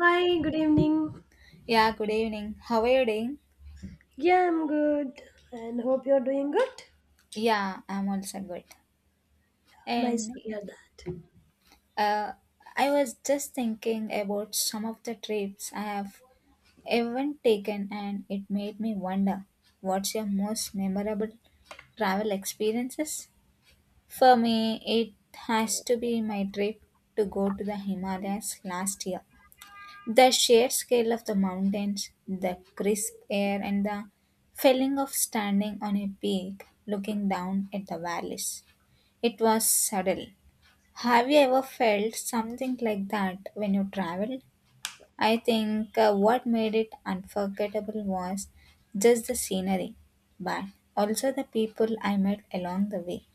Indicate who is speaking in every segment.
Speaker 1: Hi, good evening.
Speaker 2: Yeah, good evening. How are you doing?
Speaker 1: Yeah, I'm good and hope you're doing good.
Speaker 2: Yeah, I'm also good.
Speaker 1: Nice
Speaker 2: And
Speaker 1: to hear that.
Speaker 2: uh, I was just thinking about some of the trips I have ever taken, and it made me wonder what's your most memorable travel experiences? For me, it has to be my trip to go to the Himalayas last year. The sheer scale of the mountains, the crisp air, and the feeling of standing on a peak looking down at the valleys. It was subtle. Have you ever felt something like that when you traveled? I think what made it unforgettable was just the scenery, but also the people I met along the way.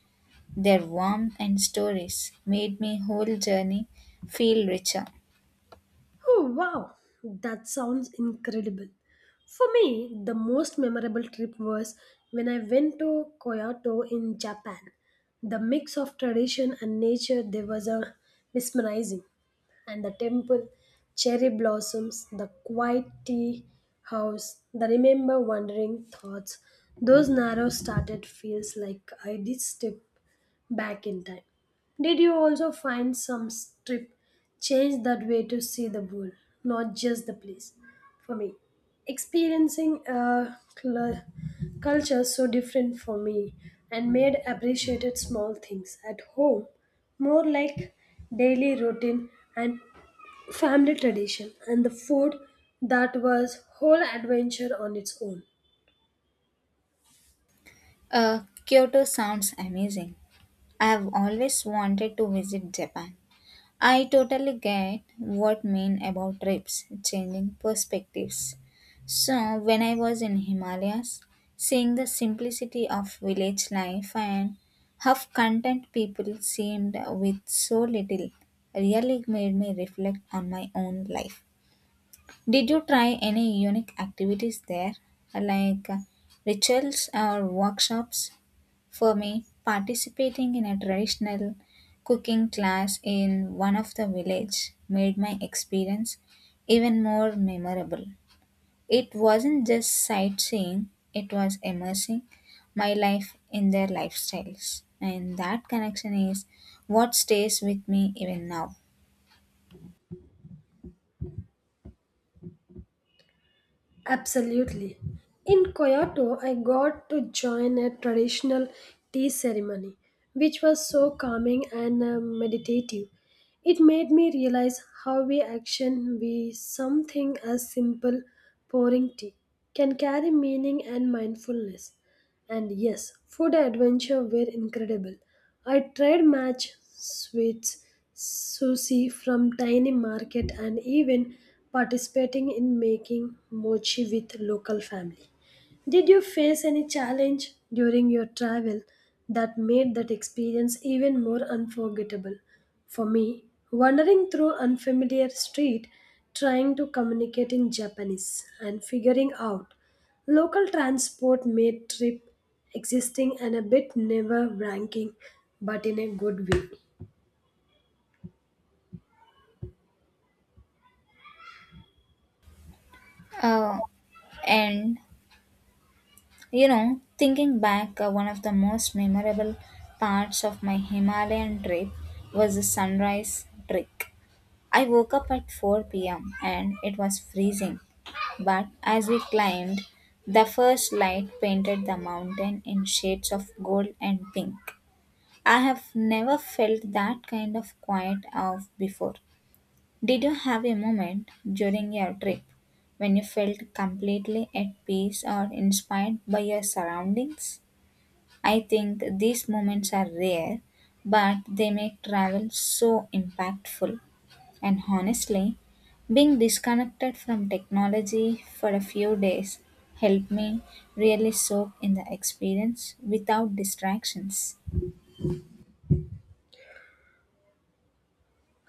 Speaker 2: Their warmth and stories made my whole journey feel richer.
Speaker 1: Oh, wow, that sounds incredible. For me, the most memorable trip was when I went to Kyoto in Japan. The mix of tradition and nature there was a mesmerizing. And the temple, cherry blossoms, the quiet tea house, the remember wandering thoughts, those narrow started feels like I did step back in time. Did you also find some strip change that way to see the world, not just the place? For me, experiencing a culture so different for me and made appreciated small things at home, more like daily routine and family tradition and the food, that was whole adventure on its own.
Speaker 2: Kyoto sounds amazing, I have always wanted to visit Japan. I totally get what mean about trips, changing perspectives. So when I was in Himalayas, seeing the simplicity of village life and how content people seemed with so little really made me reflect on my own life. Did you try any unique activities there, like rituals or workshops? For me, participating in a traditional cooking class in one of the village made my experience even more memorable. It wasn't just sightseeing, it was immersing my life in their lifestyles. And that connection is what stays with me even now.
Speaker 1: Absolutely. In Kyoto, I got to join a traditional tea ceremony, which was so calming and meditative. It made me realize how we action we something as simple pouring tea can carry meaning and mindfulness. And yes, food adventure were incredible. I tried match sweets, sushi from tiny market and even participating in making mochi with local family. Did you face any challenge during your travel that made that experience even more unforgettable? For me, wandering through unfamiliar street, trying to communicate in Japanese and figuring out local transport made trip existing and a bit never ranking, but in a good way.
Speaker 2: Uh, and thinking back, one of the most memorable parts of my Himalayan trip was the sunrise trek. I woke up at 4 p.m. and it was freezing, but as we climbed, the first light painted the mountain in shades of gold and pink. I have never felt that kind of quiet off before. Did you have a moment during your trip when you felt completely at peace or inspired by your surroundings? I think these moments are rare, but they make travel so impactful. And honestly, being disconnected from technology for a few days helped me really soak in the experience without distractions.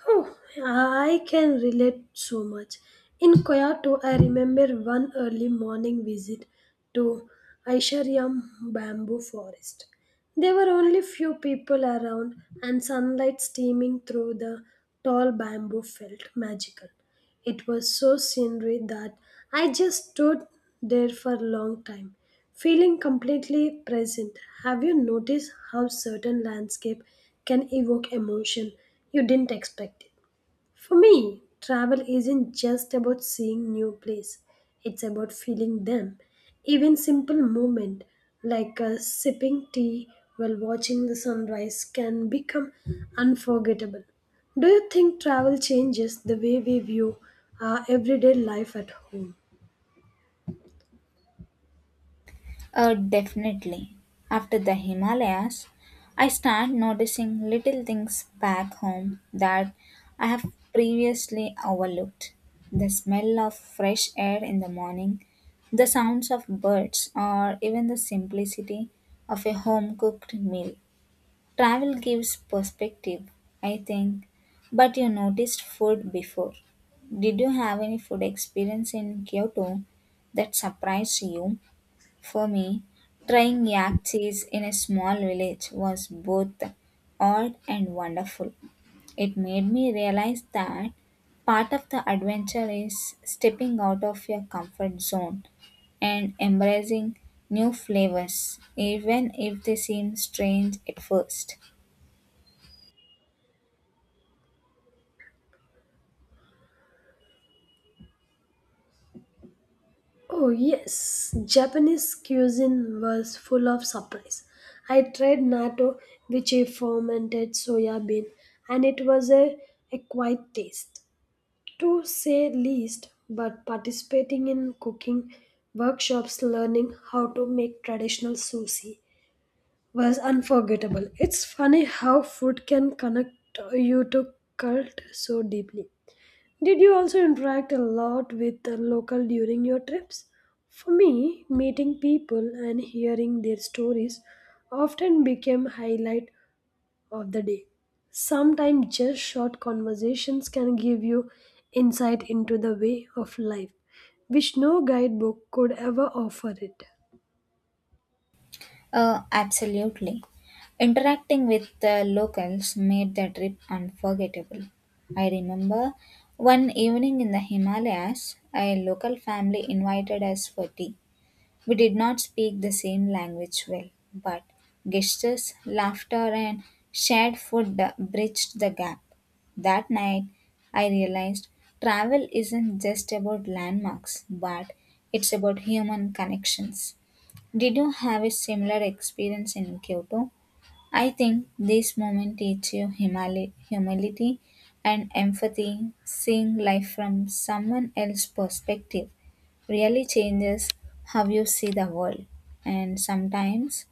Speaker 1: Oh, I can relate so much. In Kyoto, I remember one early morning visit to Aishariam bamboo forest. There were only few people around, and sunlight streaming through the tall bamboo felt magical. It was so scenery that I just stood there for a long time, feeling completely present. Have you noticed how certain landscape can evoke emotion you didn't expect? It? For me, travel isn't just about seeing new place. It's about feeling them. Even simple moment like sipping tea while watching the sunrise can become unforgettable. Do you think travel changes the way we view our everyday life at home?
Speaker 2: Definitely. After the Himalayas, I start noticing little things back home that I have previously overlooked. The smell of fresh air in the morning, the sounds of birds, or even the simplicity of a home cooked meal. Travel gives perspective, I think, but you noticed food before. Did you have any food experience in Kyoto that surprised you? For me, trying yak cheese in a small village was both odd and wonderful. It made me realize that part of the adventure is stepping out of your comfort zone and embracing new flavors, even if they seem strange at first.
Speaker 1: Oh, yes, Japanese cuisine was full of surprise. I tried natto, which is fermented soya bean, and it was a quiet taste. To say least, but participating in cooking workshops, learning how to make traditional sushi was unforgettable. It's funny how food can connect you to cult so deeply. Did you also interact a lot with the local during your trips? For me, meeting people and hearing their stories often became highlight of the day. Sometimes just short conversations can give you insight into the way of life, which no guidebook could ever offer it.
Speaker 2: Absolutely. Interacting with the locals made the trip unforgettable. I remember one evening in the Himalayas, a local family invited us for tea. We did not speak the same language well, but gestures, laughter, and shared food bridged the gap. That night, I realized travel isn't just about landmarks, but it's about human connections. Did you have a similar experience in Kyoto? I think this moment teaches you humility and empathy, seeing life from someone else's perspective really changes how you see the world. And sometimes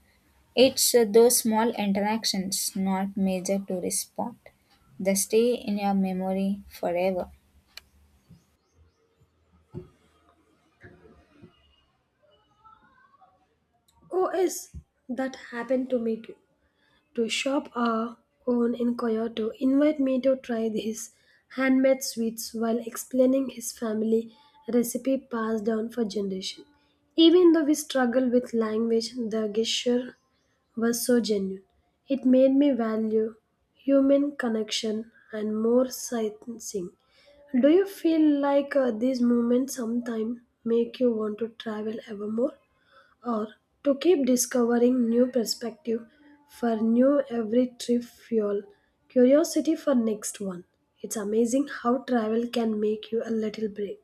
Speaker 2: it's those small interactions, not major tourist spot, that stay in your memory forever.
Speaker 1: Oh yes, that happened to me too. To shop a cone in Kyoto invite me to try his handmade sweets while explaining his family recipe passed down for generations. Even though we struggle with language, the gesture was so genuine. It made me value human connection and more sightseeing. Do you feel like these moments sometimes make you want to travel ever more, or to keep discovering new perspective for new every trip fuel curiosity for next one? It's amazing how travel can make you a little brave,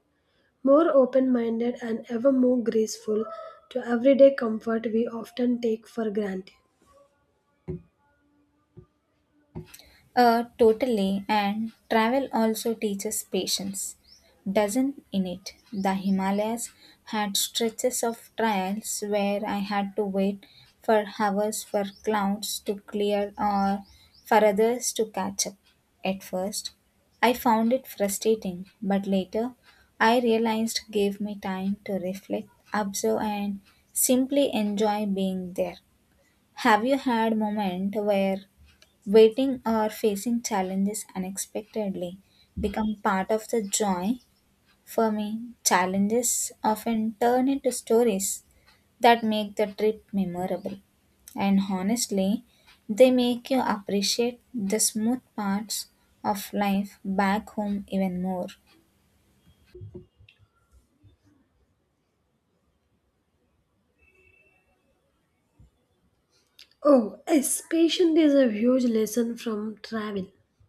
Speaker 1: more open-minded and ever more graceful to everyday comfort we often take for granted.
Speaker 2: Totally, and travel also teaches patience, doesn't in it? The Himalayas had stretches of trials where I had to wait for hours for clouds to clear or for others to catch up. At first, I found it frustrating, but later I realized it gave me time to reflect, observe, and simply enjoy being there. Have you had moment where waiting or facing challenges unexpectedly become part of the joy? For me, challenges often turn into stories that make the trip memorable. And honestly, they make you appreciate the smooth parts of life back home even more.
Speaker 1: Oh yes, patience is a huge lesson from travel.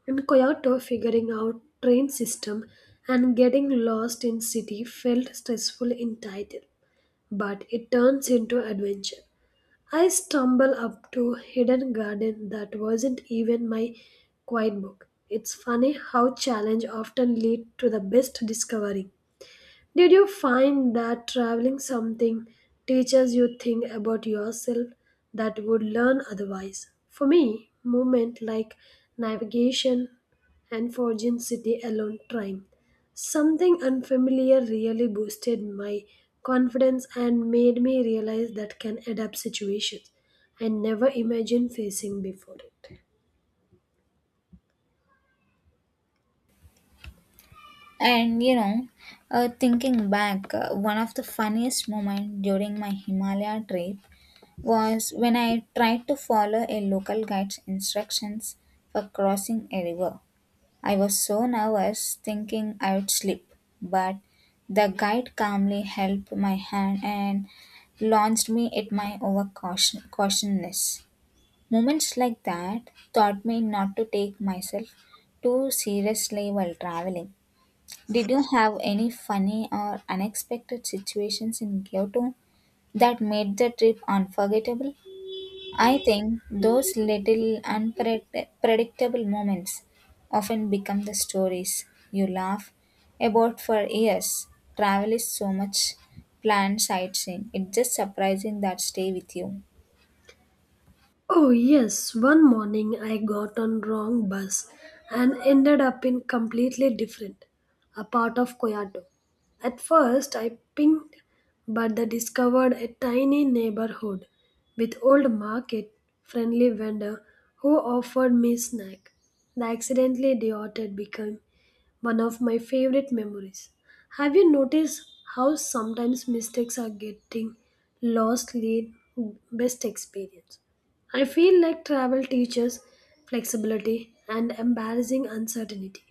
Speaker 1: In Kyoto, figuring out train system and getting lost in city felt stressful in title, but it turns into adventure. I stumble up to hidden garden that wasn't even my quiet book. It's funny how challenge often lead to the best discovery. Did you find that traveling something teaches you things about yourself that would learn otherwise? For me, movement like navigation and forging city alone trying. Something unfamiliar really boosted my confidence and made me realize that can adapt situations I never imagined facing before it.
Speaker 2: And thinking back, one of the funniest moments during my Himalaya trip was when I tried to follow a local guide's instructions for crossing a river. I was so nervous, thinking I would slip, but the guide calmly held my hand and launched me at my overcautiousness. Moments like that taught me not to take myself too seriously while traveling. Did you have any funny or unexpected situations in Kyoto that made the trip unforgettable? I think those little unpredictable moments often become the stories you laugh about for years. Travel is so much planned sightseeing. It's just surprising that stay with you.
Speaker 1: Oh, yes, one morning I got on wrong bus and ended up in completely different, a part of Kyoto. At first I pinged, but they discovered a tiny neighborhood with old market, friendly vendor who offered me snack. The accidentally idioted became one of my favorite memories. Have you noticed how sometimes mistakes are getting lost lead best experience? I feel like travel teaches flexibility and embarrassing uncertainty.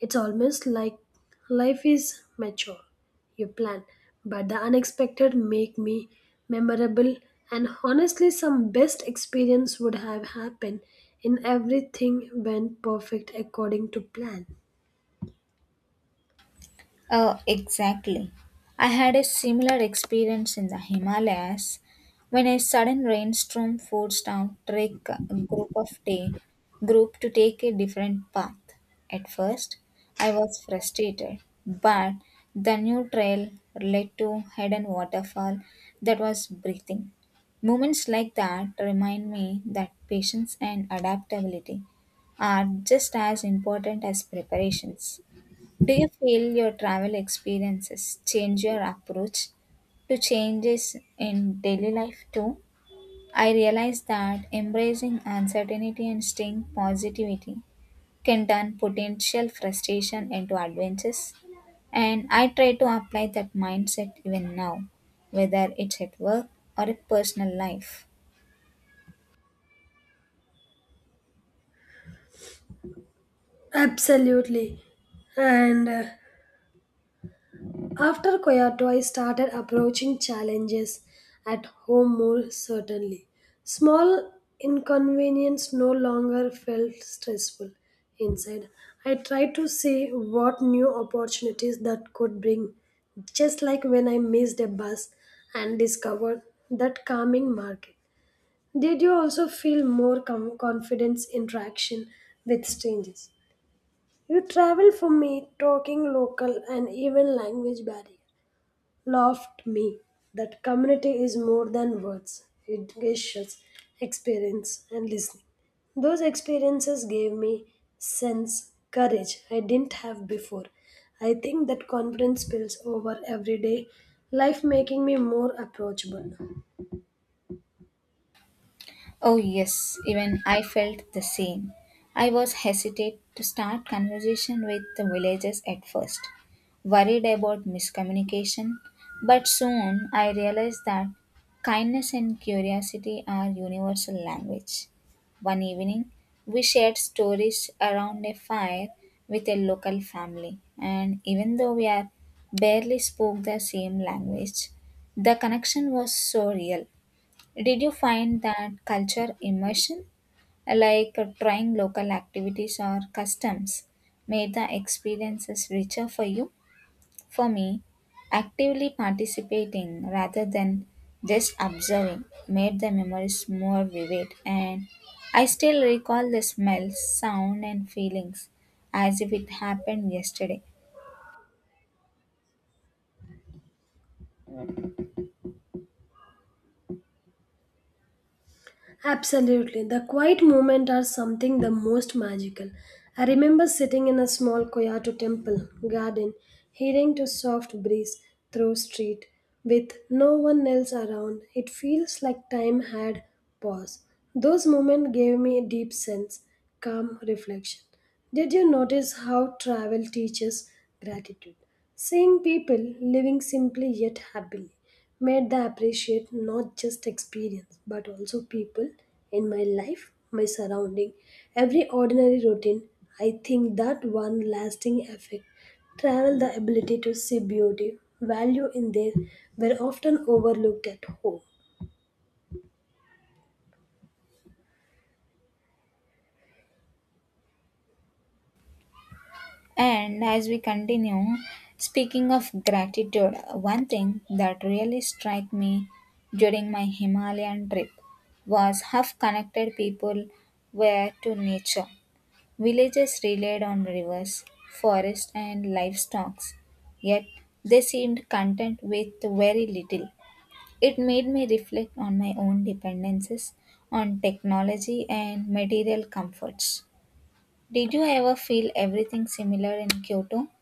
Speaker 1: It's almost like life is mature. You plan, but the unexpected make me memorable, and honestly some best experience would have happened in everything went perfect according to plan.
Speaker 2: Oh, exactly. I had a similar experience in the Himalayas when a sudden rainstorm forced our trek group of day group to take a different path. At first, I was frustrated, but the new trail led to hidden waterfall that was breathing. Moments like that remind me that patience and adaptability are just as important as preparations. Do you feel your travel experiences change your approach to changes in daily life too? I realize that embracing uncertainty and staying positivity can turn potential frustration into adventures, and I try to apply that mindset even now, whether it's at work or a personal life.
Speaker 1: Absolutely. And after Kyoto, I started approaching challenges at home more certainly. Small inconvenience no longer felt stressful inside. I tried to see what new opportunities that could bring, just like when I missed a bus and discovered that calming market. Did you also feel more confidence interaction with strangers? You travel for me, talking local and even language barrier laughed me that community is more than words, it gestures, experience, and listening. Those experiences gave me sense, courage I didn't have before. I think that confidence spills over everyday life, making me more approachable.
Speaker 2: Oh, yes, even I felt the same. I was hesitant to start conversation with the villagers at first, worried about miscommunication, but soon I realized that kindness and curiosity are universal language. One evening, we shared stories around a fire with a local family, and even though we are barely spoke the same language, the connection was so real. Did you find that culture immersion, like trying local activities or customs, made the experiences richer for you? For me, actively participating rather than just observing made the memories more vivid, and I still recall the smells, sound, and feelings as if it happened yesterday.
Speaker 1: Absolutely. The quiet moments are something the most magical. I remember sitting in a small Koyato temple garden, hearing to soft breeze through street with no one else around. It feels like time had paused. Those moments gave me a deep sense, calm reflection. Did you notice how travel teaches gratitude? Seeing people living simply yet happily made the appreciate not just experience but also people in my life, my surrounding, every ordinary routine. I think that one lasting effect travel the ability to see beauty value in there were often overlooked at home.
Speaker 2: And as we continue, speaking of gratitude, one thing that really struck me during my Himalayan trip was how connected people were to nature. Villages relied on rivers, forests, and livestock, yet they seemed content with very little. It made me reflect on my own dependences on technology and material comforts. Did you ever feel everything similar in Kyoto,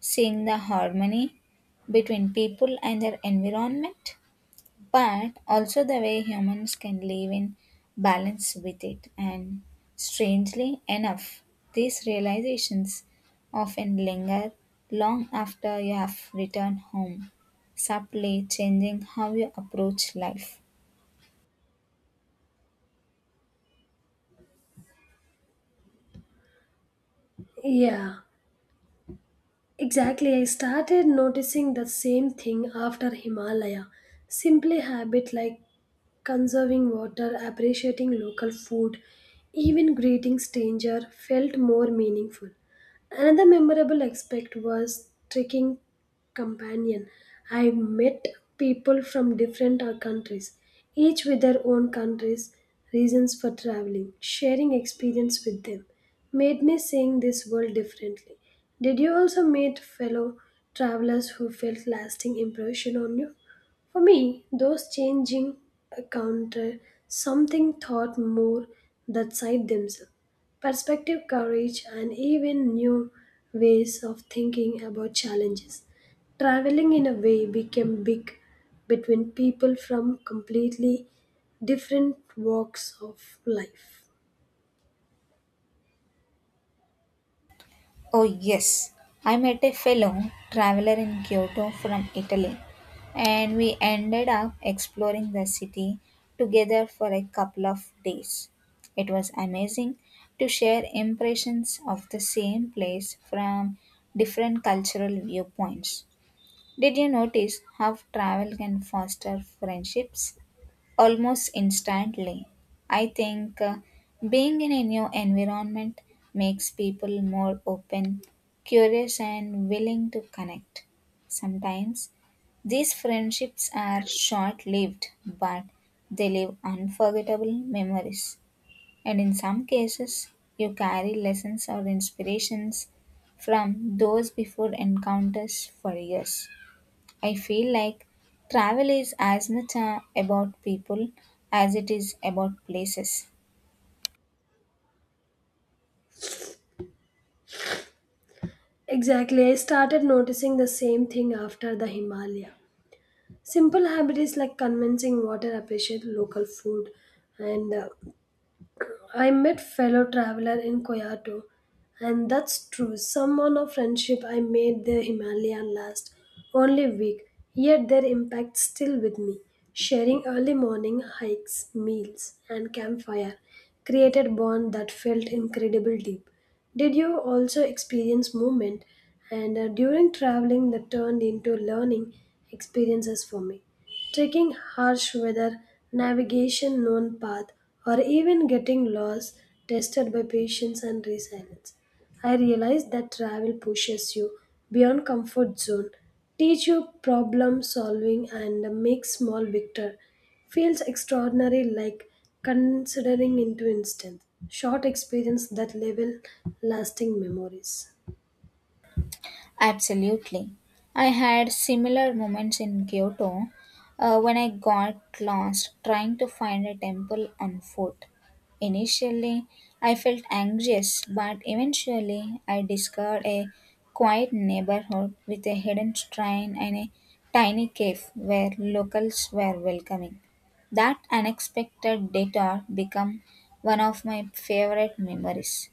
Speaker 2: seeing the harmony between people and their environment, but also the way humans can live in balance with it? And strangely enough, these realizations often linger long after you have returned home, subtly changing how you approach life.
Speaker 1: Yeah, exactly. I started noticing the same thing after Himalaya. Simply habit like conserving water, appreciating local food, even greeting stranger felt more meaningful. Another memorable aspect was trekking companion. I met people from different countries, each with their own countries' reasons for traveling. Sharing experience with them made me seeing this world differently. Did you also meet fellow travelers who felt lasting impression on you? For me, those changing encounter something thought more that side themselves. Perspective, courage, and even new ways of thinking about challenges. Traveling in a way became big between people from completely different walks of life.
Speaker 2: Oh, yes. I met a fellow traveler in Kyoto from Italy, and we ended up exploring the city together for a couple of days. It was amazing to share impressions of the same place from different cultural viewpoints. Did you notice how travel can foster friendships almost instantly? I think being in a new environment makes people more open, curious, and willing to connect. Sometimes these friendships are short lived, but they leave unforgettable memories. And in some cases, you carry lessons or inspirations from those before encounters for years. I feel like travel is as much about people as it is about places.
Speaker 1: Exactly, I started noticing the same thing after the Himalaya. Simple habits like convincing water appreciate local food and I met fellow traveler in Kyoto, and that's true. Someone of friendship I made the Himalayan last only week, yet their impact still with me. Sharing early morning hikes, meals, and campfire created bond that felt incredible deep. Did you also experience movement and during traveling that turned into learning experiences for me? Taking harsh weather, navigation known path, or even getting lost tested by patience and resilience. I realize that travel pushes you beyond comfort zone, teach you problem solving and make small victor. Feels extraordinary like considering into instant. Short experience that level lasting memories.
Speaker 2: Absolutely. I had similar moments in Kyoto when I got lost trying to find a temple on foot. Initially, I felt anxious, but eventually, I discovered a quiet neighborhood with a hidden shrine and a tiny cave where locals were welcoming. That unexpected detour became one of my favorite memories.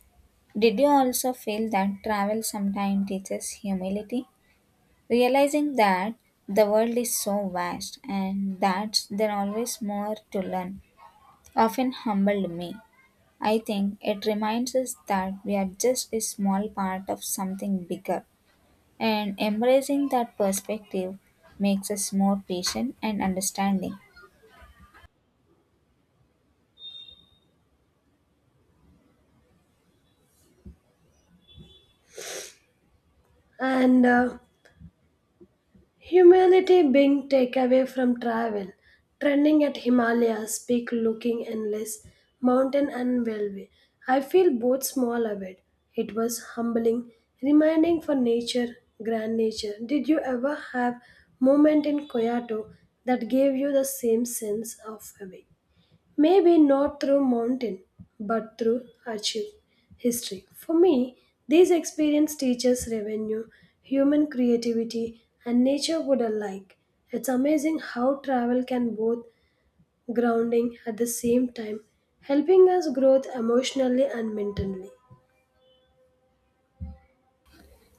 Speaker 2: Did you also feel that travel sometimes teaches humility? Realizing that the world is so vast and that there are always more to learn often humbled me. I think it reminds us that we are just a small part of something bigger, and embracing that perspective makes us more patient and understanding.
Speaker 1: And humility being takeaway from travel, trending at Himalayas, peak looking endless, mountain and railway. I feel both small of it. It was humbling, reminding for nature, grand nature. Did you ever have moment in Kyoto that gave you the same sense of awe? Maybe not through mountain, but through archive history. For me, these experience teaches revenue, human creativity, and nature would alike. It's amazing how travel can both grounding at the same time, helping us grow emotionally and mentally.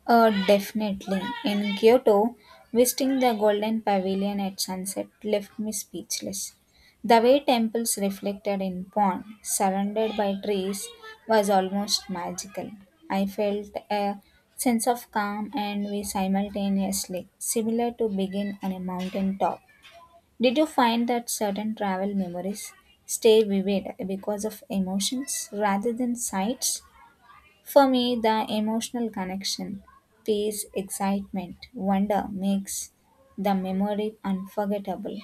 Speaker 2: Definitely. In Kyoto, visiting the Golden Pavilion at sunset left me speechless. The way temples reflected in pond, surrounded by trees, was almost magical. I felt a sense of calm and we simultaneously, similar to being on a mountain top. Did you find that certain travel memories stay vivid because of emotions rather than sights? For me, the emotional connection, peace, excitement, wonder makes the memory unforgettable.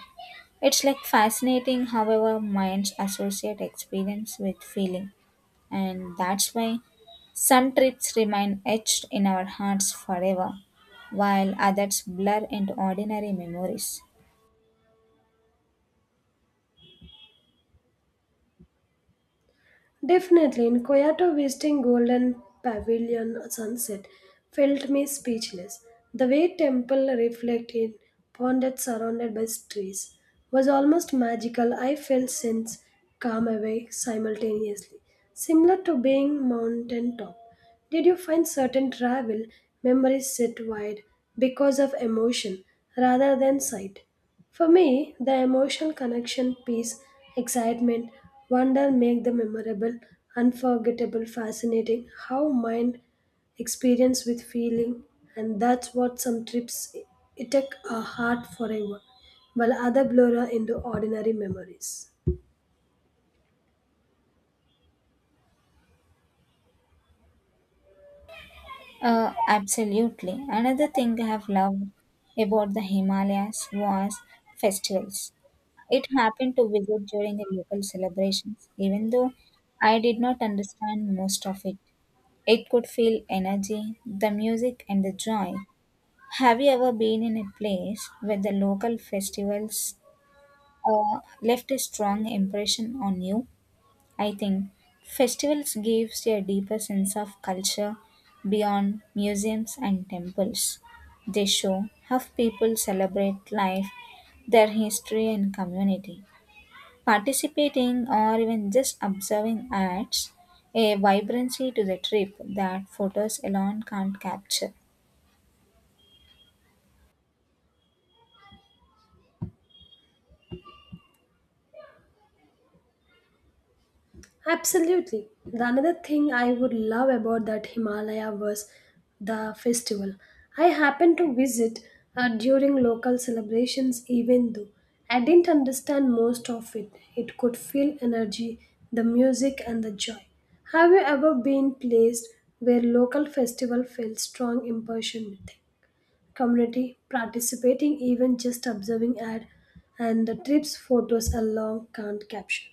Speaker 2: It's like fascinating how our minds associate experience with feeling, and that's why some trips remain etched in our hearts forever, while others blur into ordinary memories.
Speaker 1: Definitely, in Kyoto, visiting Golden Pavilion sunset felt me speechless. The way temple reflected pond that surrounded by trees was almost magical. I felt sense calm away simultaneously, similar to being mountain top. Did you find certain travel memories set wide because of emotion rather than sight? For me, the emotional connection, peace, excitement, wonder make the memorable, unforgettable, fascinating how mind experience with feeling, and that's what some trips it take a heart forever while other blur into ordinary memories.
Speaker 2: Absolutely. Another thing I have loved about the Himalayas was festivals. It happened to visit during a local celebration. Even though I did not understand most of it, it could feel energy, the music, and the joy. Have you ever been in a place where the local festivals left a strong impression on you? I think festivals gives you a deeper sense of culture beyond museums and temples. They show how people celebrate life, their history, and community. Participating or even just observing adds a vibrancy to the trip that photos alone can't capture.
Speaker 1: Absolutely. The another thing I would love about that Himalaya was the festival. I happened to visit during local celebrations, even though I didn't understand most of it. It could feel energy, the music, and the joy. Have you ever been placed where local festival felt strong impression with community participating, even just observing ad and the trips photos along can't capture?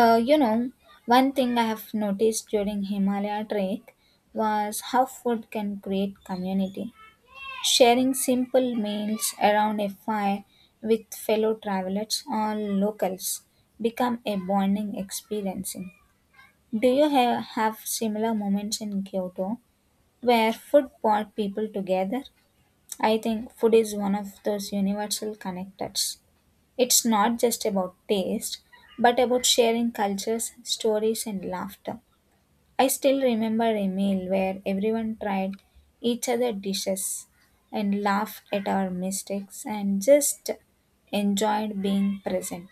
Speaker 2: Uh, you know, one thing I have noticed during Himalaya trek was how food can create community. Sharing simple meals around a fire with fellow travelers or locals become a bonding experience. Do you have similar moments in Kyoto where food brought people together? I think food is one of those universal connectors. It's not just about taste, but about sharing cultures, stories, and laughter. I still remember a meal where everyone tried each other dishes and laughed at our mistakes and just enjoyed being present.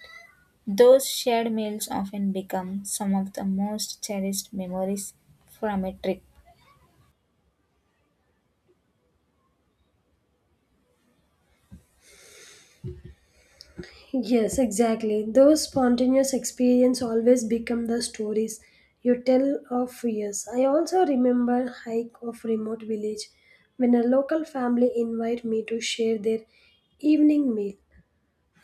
Speaker 2: Those shared meals often become some of the most cherished memories from a trip.
Speaker 1: Yes, exactly. Those spontaneous experience always become the stories you tell of years. I also remember hike of remote village when a local family invite me to share their evening meal,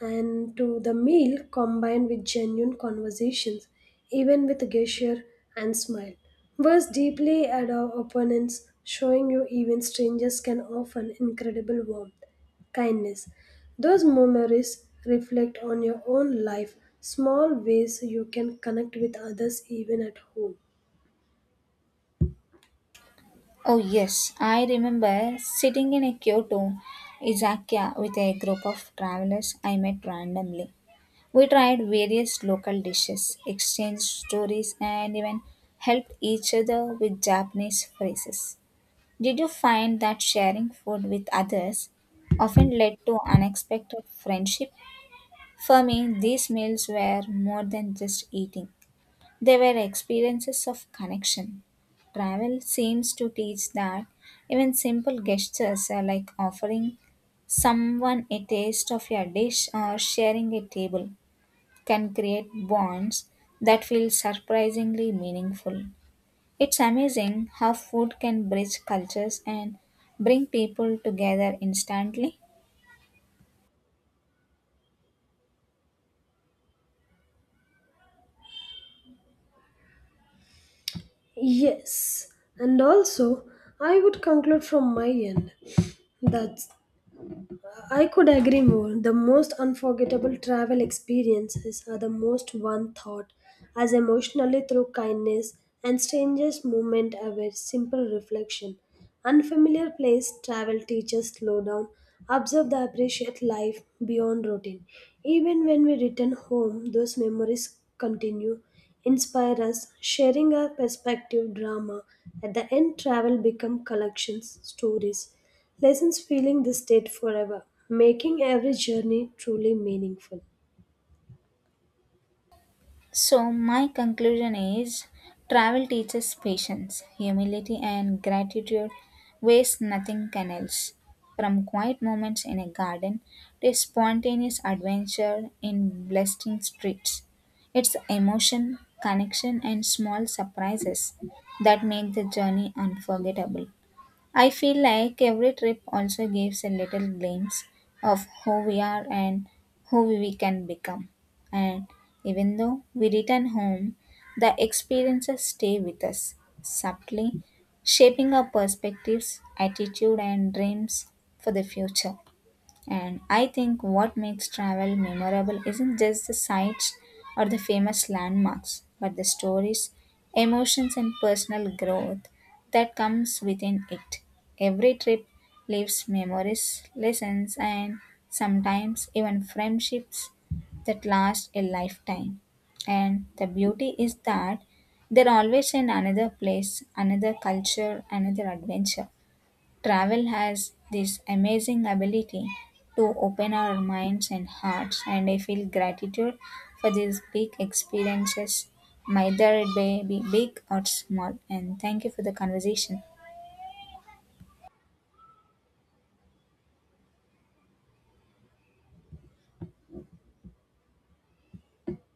Speaker 1: and to the meal combined with genuine conversations, even with gesture and smile, was deeply at our opponents, showing you even strangers can offer incredible warmth, kindness. Those memories reflect on your own life, small ways you can connect with others even at home.
Speaker 2: Oh, yes, I remember sitting in a Kyoto izakaya with a group of travelers I met randomly. We tried various local dishes, exchanged stories, and even helped each other with Japanese phrases. Did you find that sharing food with others often led to unexpected friendship? For me, these meals were more than just eating. They were experiences of connection. Travel seems to teach that even simple gestures are like offering someone a taste of your dish or sharing a table can create bonds that feel surprisingly meaningful. It's amazing how food can bridge cultures and bring people together instantly.
Speaker 1: Yes, and also I would conclude from my end that I could agree more. The most unforgettable travel experiences are the most one thought, as emotionally through kindness and strangest moment aware simple reflection. Unfamiliar place travel teaches slow down, observe the appreciate life beyond routine. Even when we return home, those memories continue, inspire us, sharing our perspective drama. At the end, travel become collections, stories, lessons feeling this state forever, making every journey truly meaningful.
Speaker 2: So, my conclusion is travel teaches patience, humility, and gratitude, waste nothing can else. From quiet moments in a garden to spontaneous adventure in blessing streets, it's emotion, connection, and small surprises that make the journey unforgettable. I feel like every trip also gives a little glimpse of who we are and who we can become. And even though we return home, the experiences stay with us, subtly shaping our perspectives, attitude, and dreams for the future. And I think what makes travel memorable isn't just the sights or the famous landmarks, but the stories, emotions, and personal growth that comes within it. Every trip leaves memories, lessons, and sometimes even friendships that last a lifetime. And the beauty is that they're always in another place, another culture, another adventure. Travel has this amazing ability to open our minds and hearts, and I feel gratitude for these big experiences, whether it may be big or small. And thank you for the conversation.